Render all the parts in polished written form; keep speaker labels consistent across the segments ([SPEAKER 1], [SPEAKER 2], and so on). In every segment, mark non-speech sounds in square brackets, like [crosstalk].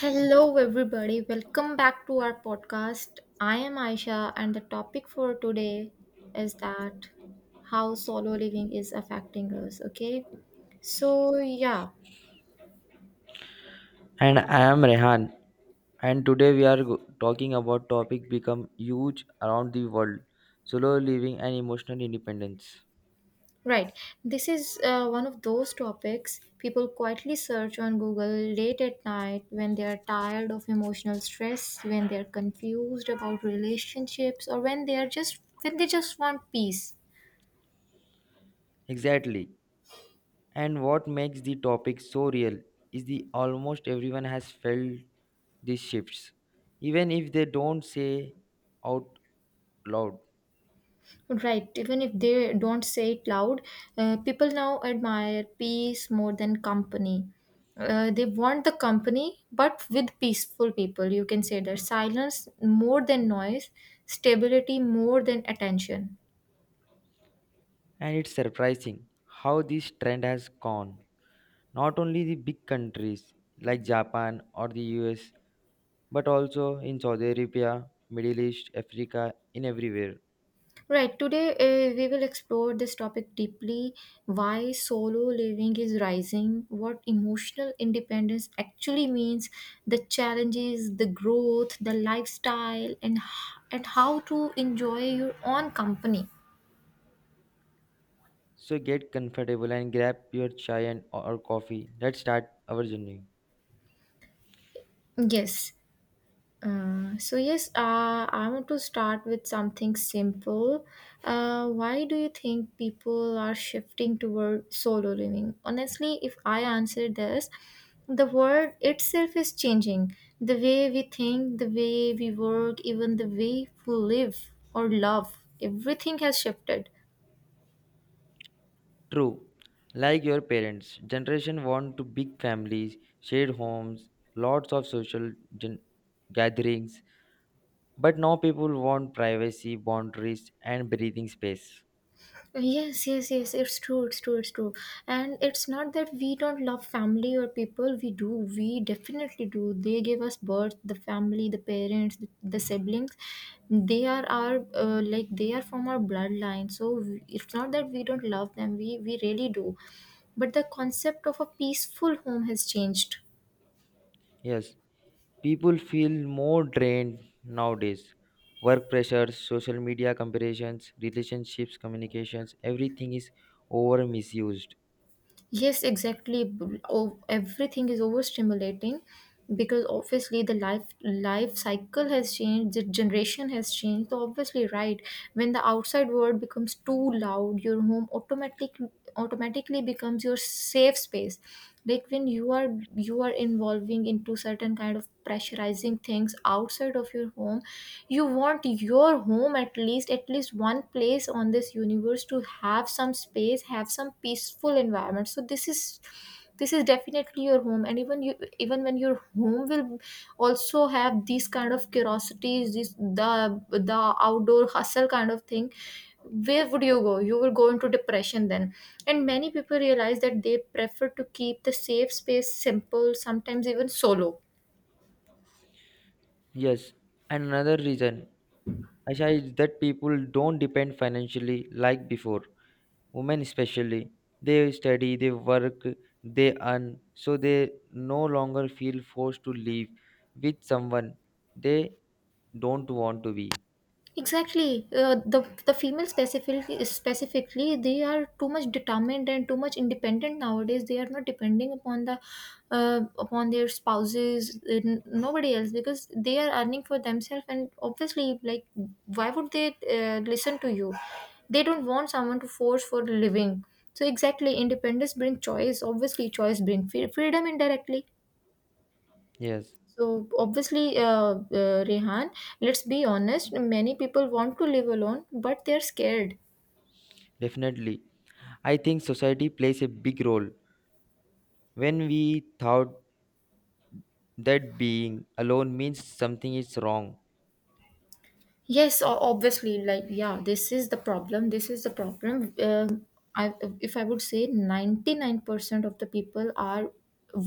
[SPEAKER 1] Hello, everybody. Welcome back to our podcast. I am Aisha, and the topic for today is that how solo living is affecting us. Okay, so yeah,
[SPEAKER 2] And I am Rehan. And today we are talking about topic become huge around the world, solo living and emotional independence.
[SPEAKER 1] right. This is one of those topics people quietly search on Google late at night when they are tired of emotional stress, when they are confused about relationships, or when they just want peace.
[SPEAKER 2] Exactly. And what makes the topic so real is the almost everyone has felt these shifts, even if they don't say out loud.
[SPEAKER 1] Right, even if they don't say it loud, people now admire peace more than company. They want the company, but with peaceful people. You can say that silence more than noise, stability more than attention.
[SPEAKER 2] And it's surprising how this trend has gone. Not only the big countries like Japan or the US, but also in Saudi Arabia, Middle East, Africa, in everywhere.
[SPEAKER 1] Right, today we will explore this topic deeply, why solo living is rising, what emotional independence actually means, the challenges, the growth, the lifestyle, and how to enjoy your own company.
[SPEAKER 2] So get comfortable and grab your chai and or coffee. Let's start our journey.
[SPEAKER 1] Yes. So yes, I want to start with something simple. Why do you think people are shifting toward solo living? Honestly, if I answer this, the world itself is changing. The way we think, the way we work, even the way we live or love, everything has shifted.
[SPEAKER 2] True. Like your parents, generation want to big families, shared homes, lots of social gen- gatherings. But now people want privacy, boundaries, and breathing space.
[SPEAKER 1] Yes, yes, yes. It's true. It's true. It's true. And it's not that we don't love family or people. We do. We definitely do. They gave us birth, the family, the parents, the siblings. They are our like they are from our bloodline. So it's not that we don't love them. We really do. But the concept of a peaceful home has changed.
[SPEAKER 2] Yes, people feel more drained nowadays. Work pressures, social media comparisons, relationships, communications, everything is over misused.
[SPEAKER 1] Yes, exactly. Everything is overstimulating because obviously the life cycle has changed, the generation has changed. So obviously, right, when the outside world becomes too loud, your home automatically becomes your safe space. Like when you are involving into certain kind of pressurizing things outside of your home, you want your home at least one place on this universe to have some space have some peaceful environment. So this is definitely your home. And even when your home will also have these kind of curiosities, this the outdoor hustle kind of thing, where would you go? You will go into depression then. And many people realize that they prefer to keep the safe space simple, sometimes even solo.
[SPEAKER 2] Yes, and another reason, Asha, is that people don't depend financially like before. Women, especially, they study, they work, they earn, so they no longer feel forced to live with someone they don't want to be.
[SPEAKER 1] Exactly. The female specifically they are too much determined and too much independent nowadays. They are not depending upon the upon their spouses, nobody else because they are earning for themselves. And obviously, like why would they listen to you? They don't want someone to force for a living. So exactly, independence brings choice. Obviously, choice brings freedom indirectly.
[SPEAKER 2] Yes,
[SPEAKER 1] So obviously, Rehan, let's be honest, many people want to live alone, but they're scared.
[SPEAKER 2] definitely. I think society plays a big role. When we thought that being alone means something is wrong,
[SPEAKER 1] Yes, obviously, like yeah, this is the problem. This is the problem. I, if I would say, 99% of the people are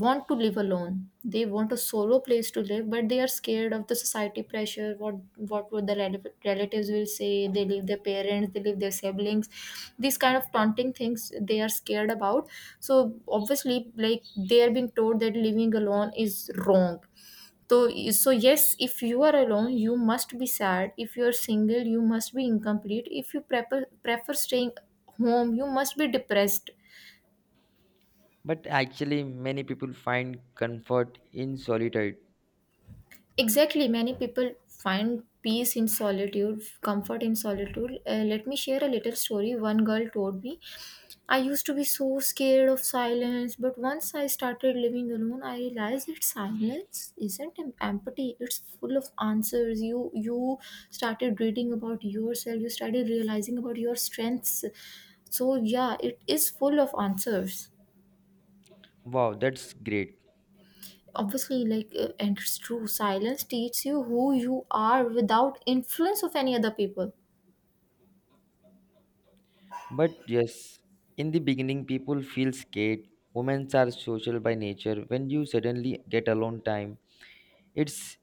[SPEAKER 1] want to live alone. They want a solo place to live, but they are scared of the society pressure. What would the relatives will say? They leave their parents. They leave their siblings. These kind of taunting things they are scared about. So obviously, like they are being told that living alone is wrong. So, so yes, if you are alone, you must be sad. If you are single, you must be incomplete. If you prefer staying home, you must be depressed.
[SPEAKER 2] but actually, many people find comfort in solitude.
[SPEAKER 1] Exactly, many people find peace in solitude, comfort in solitude. Let me share a little story. One girl told me, I used to be so scared of silence, but once I started living alone, I realized that silence isn't empty. It's full of answers. You started reading about yourself. You started realizing about your strengths. So yeah, it is full of answers.
[SPEAKER 2] Wow, that's great.
[SPEAKER 1] Obviously, like and it's true. Silence teaches you who you are without influence of any other people.
[SPEAKER 2] But yes, in the beginning, people feel scared. Women are social by nature. When you suddenly get alone time, it's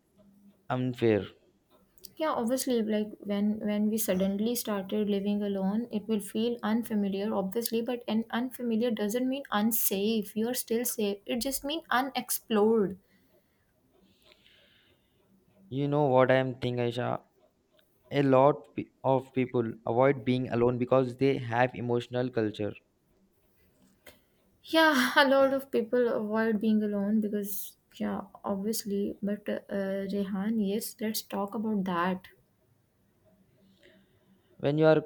[SPEAKER 2] unfair.
[SPEAKER 1] Yeah, obviously, like when we suddenly started living alone, it will feel unfamiliar, obviously, but an unfamiliar doesn't mean unsafe. You're still safe. It just means unexplored.
[SPEAKER 2] You know what I am thinking, Aisha? A lot of people avoid being alone because they have emotional culture
[SPEAKER 1] Yeah, [laughs] a lot of people avoid being alone because yeah, obviously, but Rehan, yes, let's talk about that.
[SPEAKER 2] when you are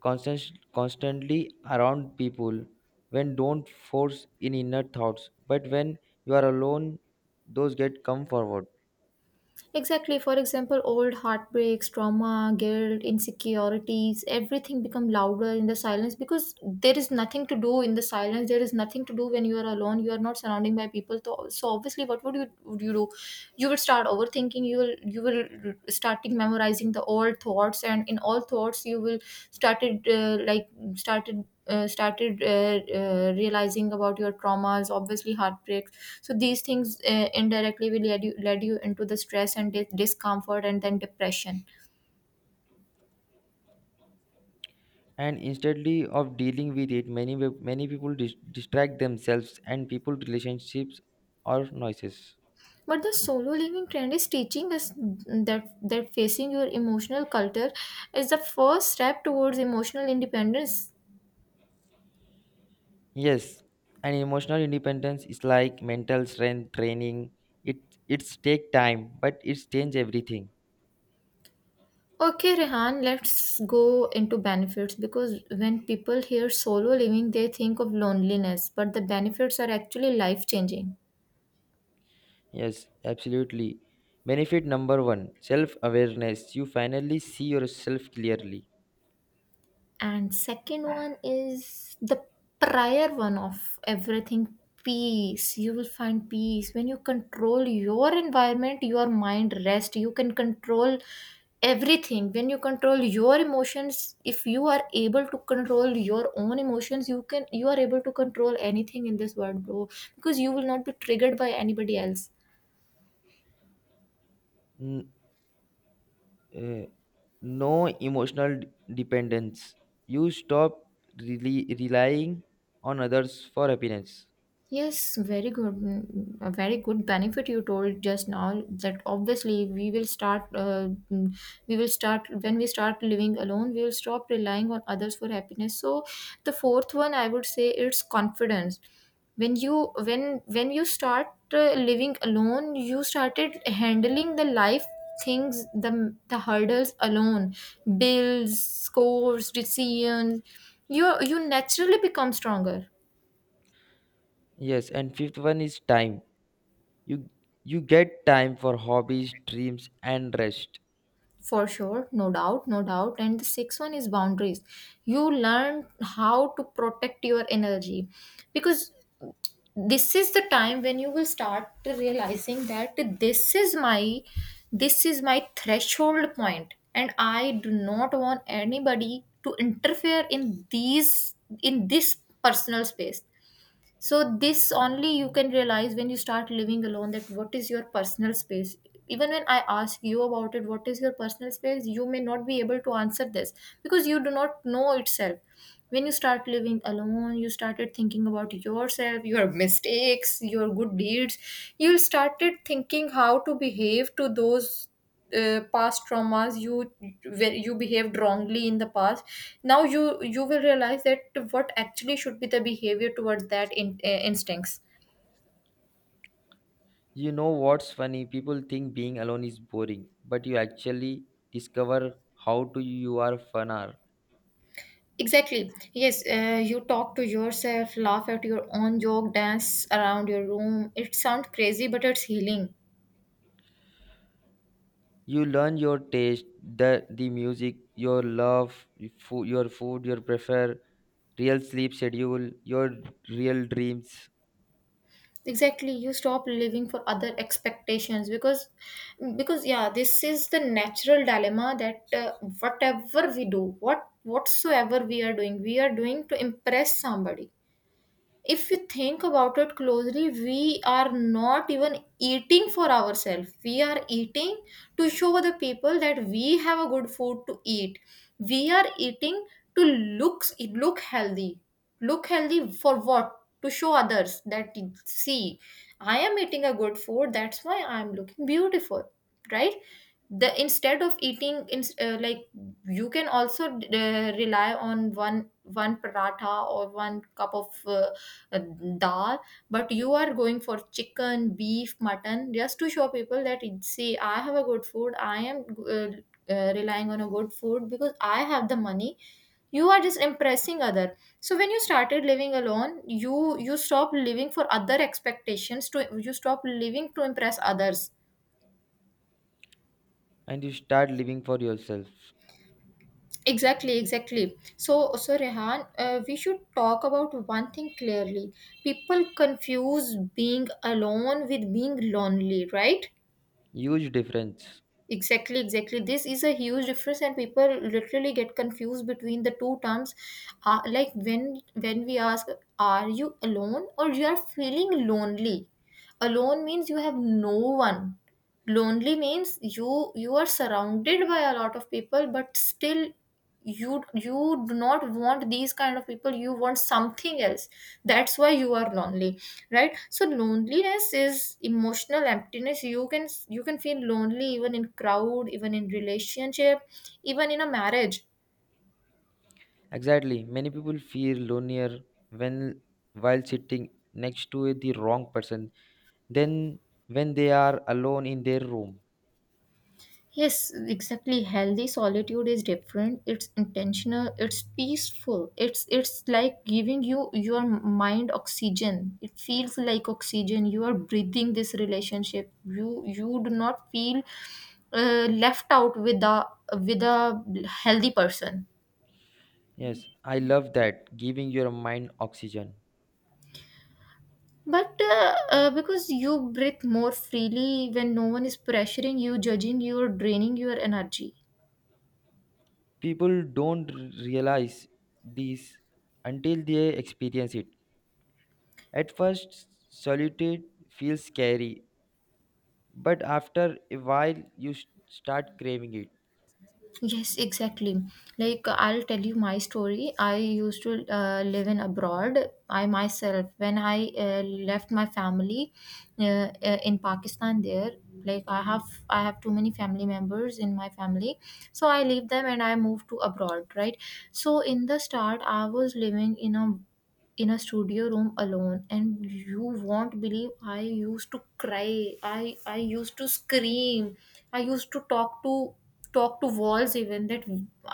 [SPEAKER 2] constant, constantly around people when don't force in inner thoughts but when you are alone those get come forward.
[SPEAKER 1] Exactly. For example, old heartbreaks, trauma, guilt, insecurities, everything become louder in the silence because there is nothing to do in the silence. There is nothing to do when you are alone. You are not surrounding by people. So, so obviously, what would you do? You will start overthinking. You will starting memorizing the old thoughts, and in all thoughts, you will started uh, like started. Realizing about your traumas, obviously heartbreak. So these things indirectly will lead you into the stress and discomfort and then depression.
[SPEAKER 2] And instead of dealing with it, many people distract themselves and people relationships or noises.
[SPEAKER 1] But the solo living trend is teaching us that facing your emotional culture is the first step towards emotional independence.
[SPEAKER 2] Yes, and emotional independence is like mental strength training. It it's take time but it's change everything.
[SPEAKER 1] Okay, Rehan, let's go into benefits because when people hear solo living, they think of loneliness, but the benefits are actually life changing.
[SPEAKER 2] Yes, absolutely. Benefit number one self awareness. You finally see yourself clearly.
[SPEAKER 1] And second one is the prior one of everything: peace. You will find peace when you control your environment. Your mind rest, you can control everything when you control your emotions. If you are able to control your own emotions, you are able to control anything in this world, bro, because you will not be triggered by anybody else.
[SPEAKER 2] N- uh, no emotional dependence. You stop really relying on others for happiness.
[SPEAKER 1] Yes, very good. A very good benefit you told just now that obviously we will start, mm, we will start when we start living alone, we will stop relying on others for happiness. So the fourth one, I would say, it's confidence. When you when you start living alone, you started handling the life things, the hurdles alone, bills, scores, decisions. You naturally become stronger.
[SPEAKER 2] Yes, and fifth one is time. You you get time for hobbies, dreams, and rest.
[SPEAKER 1] For sure, no doubt, no doubt. And the sixth one is boundaries. You learn how to protect your energy because this is the time when you will start realizing that this is my threshold point, and I do not want anybody to interfere in these, in this personal space. So this only you can realize when you start living alone, that what is your personal space. Even when I ask you about it, what is your personal space, you may not be able to answer this, because you do not know itself. When you start living alone, you started thinking about yourself, your mistakes, your good deeds. You started thinking how to behave to those past traumas, you, where you behaved wrongly in the past. Now you will realize that what actually should be the behavior towards that instincts.
[SPEAKER 2] You know what's funny? People think being alone is boring, but you actually discover how to you are fun are.
[SPEAKER 1] Exactly. Yes, you talk to yourself, laugh at your own joke, dance around your room. It sounds crazy, but it's healing.
[SPEAKER 2] You learn your taste, the music your love, your food, your food your prefer, real sleep schedule, your real dreams.
[SPEAKER 1] Exactly, you stop living for other expectations, because yeah, this is the natural dilemma that whatever we do, whatsoever we are doing, we are doing to impress somebody. If you think about it closely, we are not even eating for ourselves. We are eating to show other people that we have a good food to eat. We are eating to look healthy. Look healthy for what? To show others that, see, I am eating a good food, that's why I'm looking beautiful. Right. The instead of eating in, like you can also rely on one paratha, or one cup of uh, dal. But you are going for chicken, beef, mutton just to show people that, see, I have a good food, I am uh, relying on a good food because I have the money. You are just impressing other. So when you started living alone, you stop living for other expectations, to you stop living to impress others.
[SPEAKER 2] And you start living for yourself.
[SPEAKER 1] Exactly, exactly. So, Rehan, we should talk about one thing clearly. People confuse being alone with being lonely, right?
[SPEAKER 2] Huge difference.
[SPEAKER 1] Exactly, exactly. This is a huge difference, and people literally get confused between the two terms. Like when we ask, "Are you alone?" or "You are feeling lonely." Alone means you have no one. Lonely means you are surrounded by a lot of people, but still you do not want these kind of people. You want something else, that's why you are lonely. Right, so loneliness is emotional emptiness. You can feel lonely even in crowd, even in relationship, even in a marriage.
[SPEAKER 2] Exactly, many people feel lonelier when while sitting next to the wrong person than when they are alone in their room.
[SPEAKER 1] Yes, exactly, healthy solitude is different. It's intentional, it's peaceful, it's like giving you your mind oxygen. It feels like oxygen you are breathing. This relationship, you do not feel left out with a healthy person.
[SPEAKER 2] Yes, I love that, giving your mind oxygen.
[SPEAKER 1] But because you breathe more freely when no one is pressuring you, judging you, or draining your energy.
[SPEAKER 2] People don't realize this until they experience it. At first, solitude feels scary, but after a while, you start craving it.
[SPEAKER 1] Yes, exactly. Like I'll tell you my story. I used to live in abroad. I myself, when I left my family in Pakistan, there, like I have, I have too many family members in my family, so I leave them and I move to abroad, right? So in the start, I was living in a studio room alone, and you won't believe, I used to cry, I used to scream, I used to talk to walls. Even that,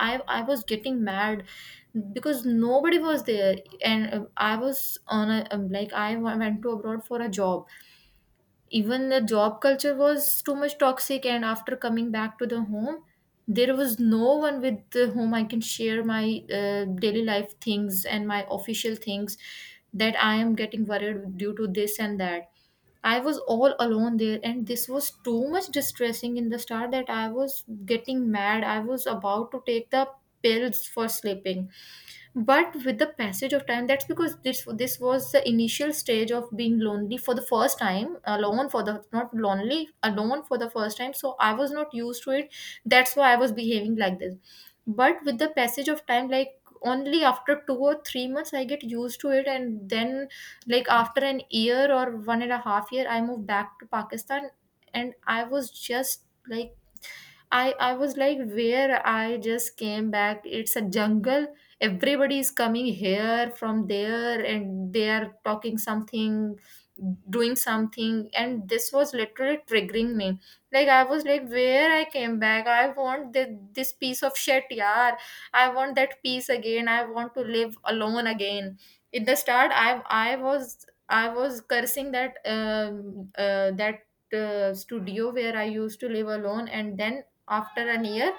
[SPEAKER 1] i I was getting mad because nobody was there. And I was on a like I w- went to abroad for a job. Even the job culture was too much toxic, and after coming back to the home there was no one with the whom I can share my daily life things and my official things, that I am getting worried due to this and that. I was all alone there, and this was too much distressing in the start, that I was getting mad. I was about to take the pills for sleeping. But with the passage of time, that's because this was the initial stage of being lonely for the first time, alone, for the, not lonely, alone for the first time, so I was not used to it. That's why I was behaving like this. But with the passage of time, like, only after 2 or 3 months I get used to it, and then, like, after an year or one and a half year, I moved back to Pakistan. And I was just like, I was like, where I just came back. It's a jungle. Everybody is coming here from there, and they are talking something, doing something, and this was literally triggering me. Like I was like, where I came back. I want this, this piece of shit, yeah. I want that piece again. I want to live alone again. In the start, I was cursing that studio where I used to live alone, and then after an year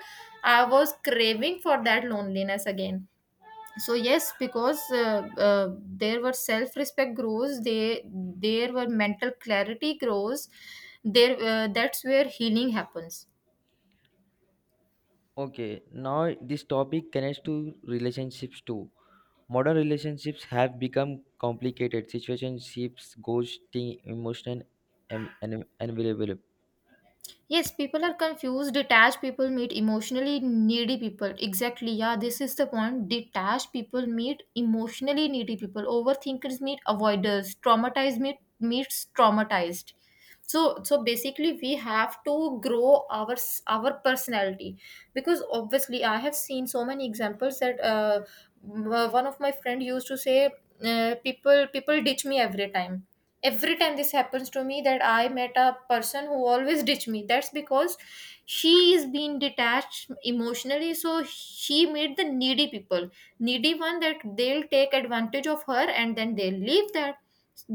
[SPEAKER 1] I was craving for that loneliness again. So yes, because there were self respect grows, they there were mental clarity grows, there, that's where healing happens.
[SPEAKER 2] Okay, now this topic connects to relationships too. Modern relationships have become complicated. Situationships, ghosting, emotional and unavailable.
[SPEAKER 1] Yes, people are confused. Detached people meet emotionally needy people. Exactly. Yeah, this is the point. Detached people meet emotionally needy people. Overthinkers meet avoiders. Traumatized meets traumatized. So basically we have to grow our personality, because obviously I have seen so many examples that one of my friend used to say, people ditch me every time, every time this happens to me, that I met a person who always ditched me. That's because she is being detached emotionally, so she made the needy people, needy one, that they'll take advantage of her and then they'll leave. That,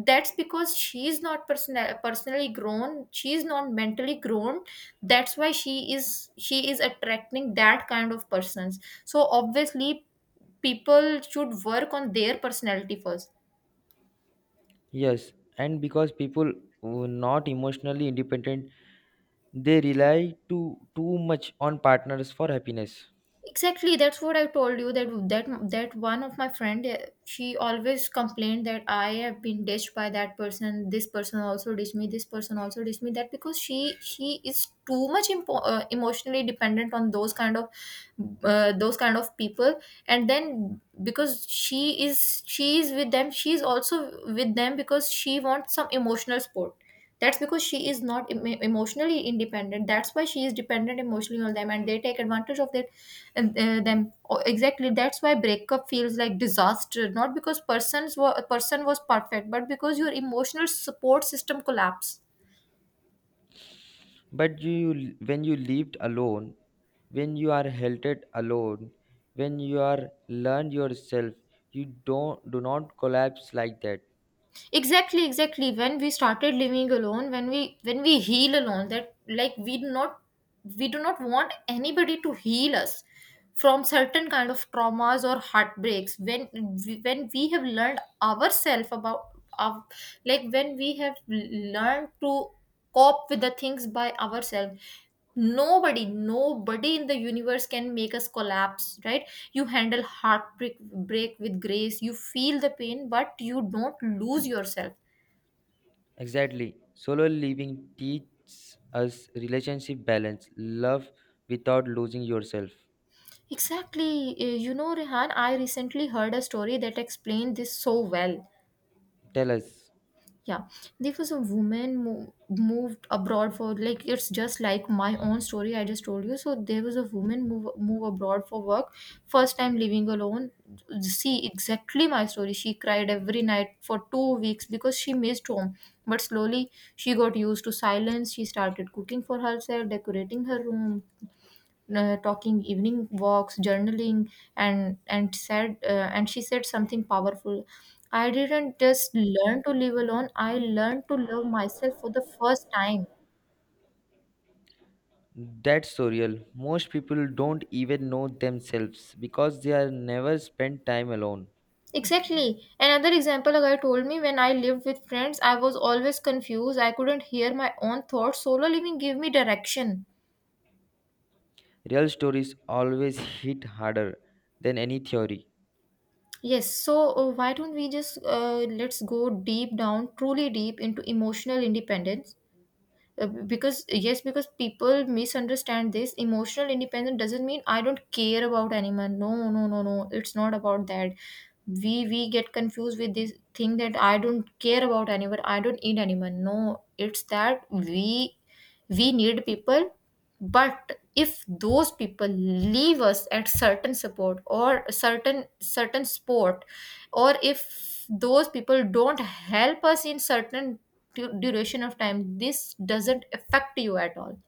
[SPEAKER 1] that's because she is not personally grown. She is not mentally grown. That's why she is attracting that kind of persons, so obviously people should work on their personality first.
[SPEAKER 2] Yes, and because people were not emotionally independent, they rely too much on partners for happiness.
[SPEAKER 1] Exactly, that's what I told you, that that one of my friend, she always complained that I have been ditched by that person, this person also ditched me, this person also ditched me. That because she is too much emotionally dependent on those kind of people, and then, because she is with them, she is also with them because she wants some emotional support. That's because she is not emotionally independent, that's why she is dependent emotionally on them, and they take advantage of that. And, them Oh, exactly, that's why breakup feels like disaster, not because persons were a person was perfect, but because your emotional support system collapsed.
[SPEAKER 2] But you, when you lived alone, when you are halted alone, when you are learned yourself, you don't do not collapse like that.
[SPEAKER 1] Exactly, when we started living alone, when we heal alone, that, like, we do not want anybody to heal us from certain kind of traumas or heartbreaks. When we have learned ourselves about our, like when we have learned to cope with the things by ourselves. Nobody, nobody in the universe can make us collapse, right? You handle heartbreak break with grace. You feel the pain, but you don't lose yourself.
[SPEAKER 2] Exactly. Solo living teaches us relationship balance, love without losing yourself.
[SPEAKER 1] Exactly. You know, Rehan, I recently heard a story that explained this so well.
[SPEAKER 2] Tell us.
[SPEAKER 1] Yeah. There was a woman moved abroad for, like, it's just like my own story I just told you. So there was a woman move abroad for work. First time living alone, see, exactly my story. She cried every night for 2 weeks because she missed home. But slowly she got used to silence. She started cooking for herself, decorating her room, talking evening walks, journaling, And she said something powerful: I didn't just learn to live alone, I learned to love myself for the first time.
[SPEAKER 2] That's so real. Most people don't even know themselves because they are never spent time alone.
[SPEAKER 1] Exactly. Another example, a guy told me, when I lived with friends, I was always confused. I couldn't hear my own thoughts. Solo living gave me direction.
[SPEAKER 2] Real stories always hit harder than any theory.
[SPEAKER 1] Yes, so, why don't we just, let's go deep down, truly deep into emotional independence. Because yes, because people misunderstand this. Emotional independence doesn't mean I don't care about anyone. No, no, no, no, it's not about that. We get confused with this thing, that I don't care about anyone, I don't need anyone. No, it's that we need people. But if those people leave us at certain support or certain sport, or if those people don't help us in certain duration of time, this doesn't affect you at all.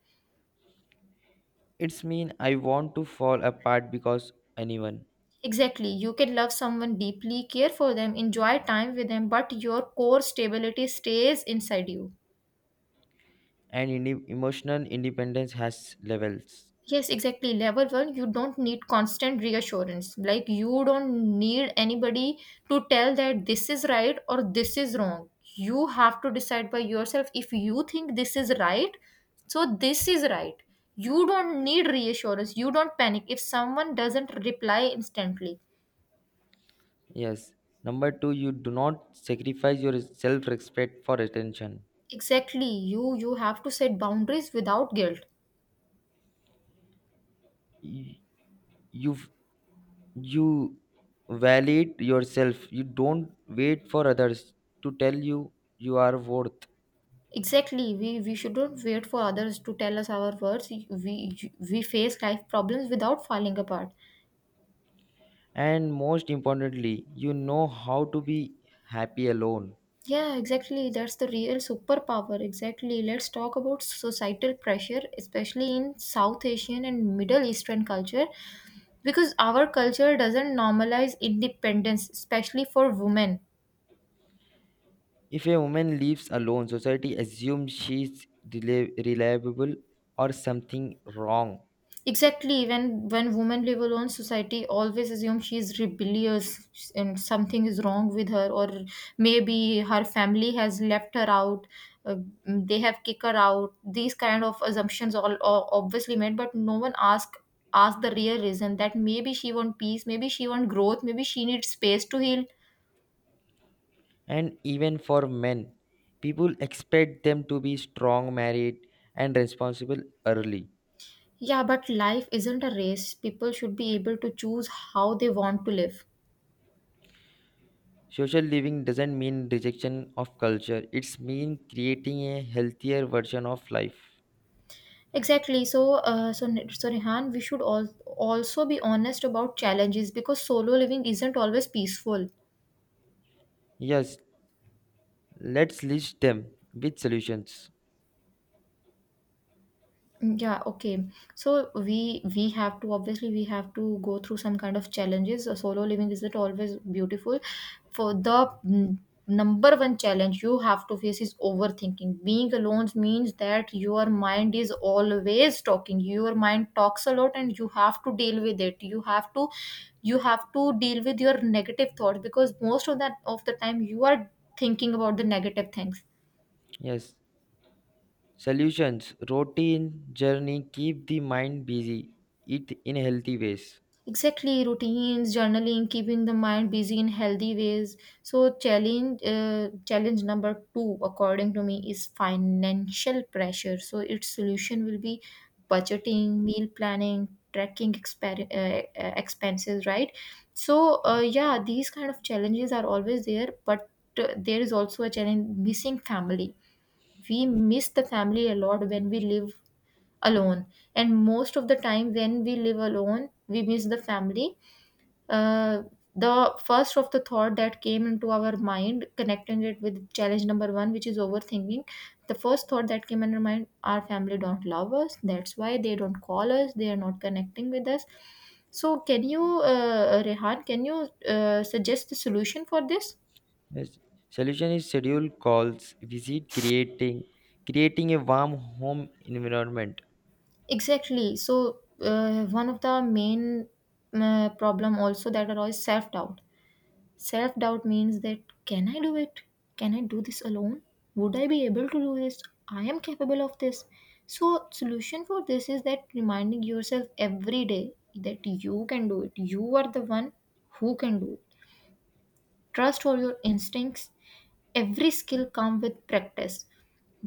[SPEAKER 2] It's mean I want to fall apart because anyone.
[SPEAKER 1] Exactly, you can love someone deeply, care for them, enjoy time with them, but your core stability stays inside you.
[SPEAKER 2] And emotional independence has levels.
[SPEAKER 1] Yes, exactly, level 1, you don't need constant reassurance. Like you don't need anybody to tell that this is right or this is wrong. You have to decide by yourself. If you think this is right, so this is right. You don't need reassurance. You don't panic if someone doesn't reply instantly.
[SPEAKER 2] Yes. Number two, you do not sacrifice your self-respect for attention.
[SPEAKER 1] Exactly. You have to set boundaries without guilt.
[SPEAKER 2] You you you validate yourself. You don't wait for others to tell you you are worth.
[SPEAKER 1] Exactly. We shouldn't wait for others to tell us our words. We face life problems without falling apart.
[SPEAKER 2] And most importantly, you know how to be happy alone.
[SPEAKER 1] Yeah, exactly. That's the real superpower. Exactly. Let's talk about societal pressure, especially in South Asian and Middle Eastern culture, because our culture doesn't normalize independence, especially for women.
[SPEAKER 2] If a woman lives alone, society assumes she's reliable or something wrong.
[SPEAKER 1] Exactly, when women live alone, society always assumes she is rebellious and something is wrong with her, or maybe her family has left her out, uh, they have kicked her out. These kind of assumptions all obviously made, but no one ask the real reason, that maybe she want peace, maybe she want growth, maybe she needs space to heal.
[SPEAKER 2] And even for men, people expect them to be strong, married, and responsible early.
[SPEAKER 1] Yeah, but life isn't a race. People should be able to choose how they want to live.
[SPEAKER 2] Social living doesn't mean rejection of culture, it's mean creating a healthier version of life.
[SPEAKER 1] Exactly. So, Rehan, we should all also be honest about challenges, because solo living isn't always peaceful.
[SPEAKER 2] Yes, let's list them with solutions.
[SPEAKER 1] Mm, yeah, okay. So we have to obviously we have to go through some kind of challenges. So solo living isn't always beautiful. For the mm, number 1 challenge you have to face is overthinking. Being alone means that your mind is always talking. Your mind talks a lot and you have to deal with it. You have to deal with your negative thoughts, because most of the time you are thinking about the negative things.
[SPEAKER 2] Yes, solutions routine journey keep the mind busy, eat in healthy ways.
[SPEAKER 1] Exactly, routines, journaling, keeping the mind busy in healthy ways. So challenge number 2 according to me is financial pressure. So its solution will be budgeting, meal planning, tracking expenses, right? So, yeah, these kind of challenges are always there, but there is also a challenge: missing family. We miss the family a lot when we live alone, and most of the time when we live alone we miss the family. uh, the first of the thought that came into our mind, connecting it with challenge number 1, which is overthinking. The first thought that came in our mind: our family don't love us. That's why they don't call us. They are not connecting with us. So, Rehan, can you suggest the solution for this?
[SPEAKER 2] Yes. Solution is schedule calls, visit creating a warm home environment.
[SPEAKER 1] Exactly. So, one of the main problem also that arise self doubt. Self doubt means that, can I do it? Can I do this alone? Would I be able to do this? I am capable of this. So solution for this is that reminding yourself every day that you can do it. You are the one who can do it. Trust all your instincts. Every skill comes with practice,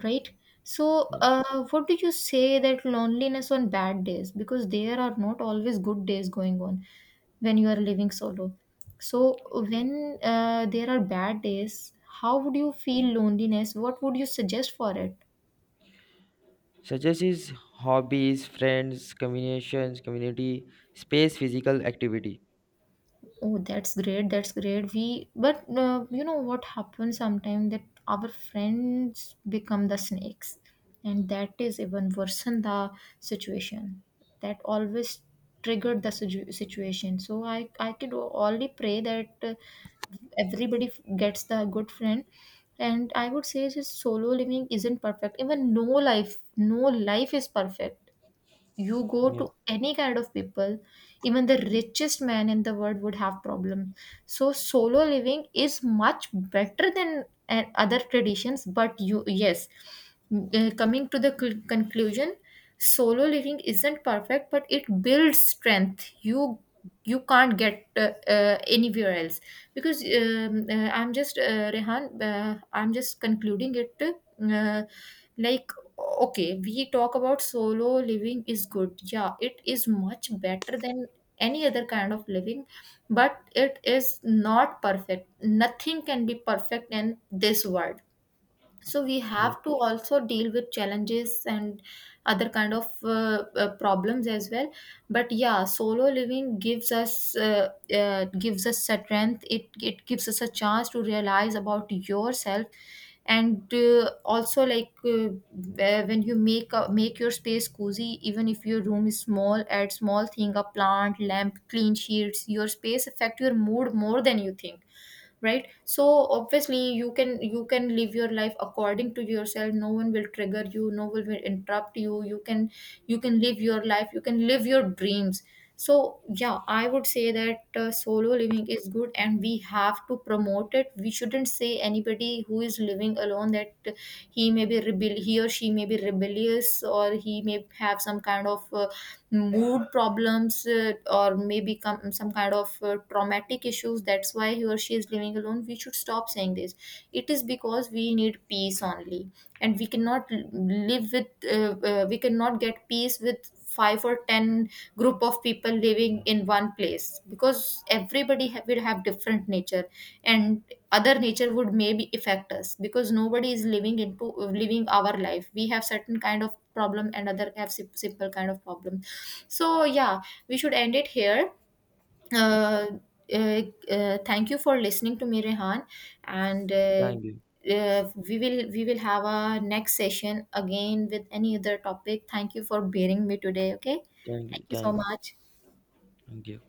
[SPEAKER 1] right? So,
[SPEAKER 2] Yeah.
[SPEAKER 1] what do you say that loneliness on bad days, because there are not always good days going on when you are living solo. So when there are bad days, how would you feel loneliness? What would you suggest for it?
[SPEAKER 2] Suggest is hobbies, friends, communications, community, space, physical activity.
[SPEAKER 1] Oh, that's great. That's great. But you know what happens sometimes, that our friends become the snakes, and that is even worsen the situation. That always triggered the situation. So I could only pray that everybody gets the good friend. And I would say, just solo living isn't perfect. Even no life, no life is perfect. You go to
[SPEAKER 2] Yeah.
[SPEAKER 1] any kind of people, even the richest man in the world would have problem. So solo living is much better than other traditions, but you, yes, coming to the conclusion, solo living isn't perfect, but it builds strength you you can't get anywhere else. Because I'm just, Rehan, I'm just concluding it, like, okay. We talk about solo living is good. Yeah, it is much better than any other kind of living, but it is not perfect. Nothing can be perfect in this world, so we
[SPEAKER 2] Yeah.
[SPEAKER 1] have to also deal with challenges and other kind of problems as well. But yeah, solo living gives us strength. It gives us a chance to realize about yourself. And also, like, when you make make your space cozy, even if your room is small, add small thing, a plant, lamp, clean sheets. Your space affect your mood more than you think, right? So obviously you can live your life according to yourself. No one will trigger you, no one will interrupt you. You can live your life, you can live your dreams. So yeah, I would say that, solo living is good and we have to promote it. We shouldn't say anybody who is living alone that he may be rebel, he or she may be rebellious, or he may have some kind of mood problems, or maybe some kind of traumatic issues, that's why he or she is living alone. We should stop saying this. It is because we need peace only, and we cannot get peace with 5 or 10 group of people living in one place, because will have different nature, and other nature would maybe affect us, because nobody is living our life. We have certain kind of problem and other have simple kind of problem. So, yeah, we should end it here. Uh, uh, Thank you for listening to me, Rehan, and
[SPEAKER 2] Thank you.
[SPEAKER 1] we will have a next session again with any other topic. Thank you for bearing me today. Okay,
[SPEAKER 2] Thank you.
[SPEAKER 1] thank you so
[SPEAKER 2] Thank you.
[SPEAKER 1] much.
[SPEAKER 2] Thank you.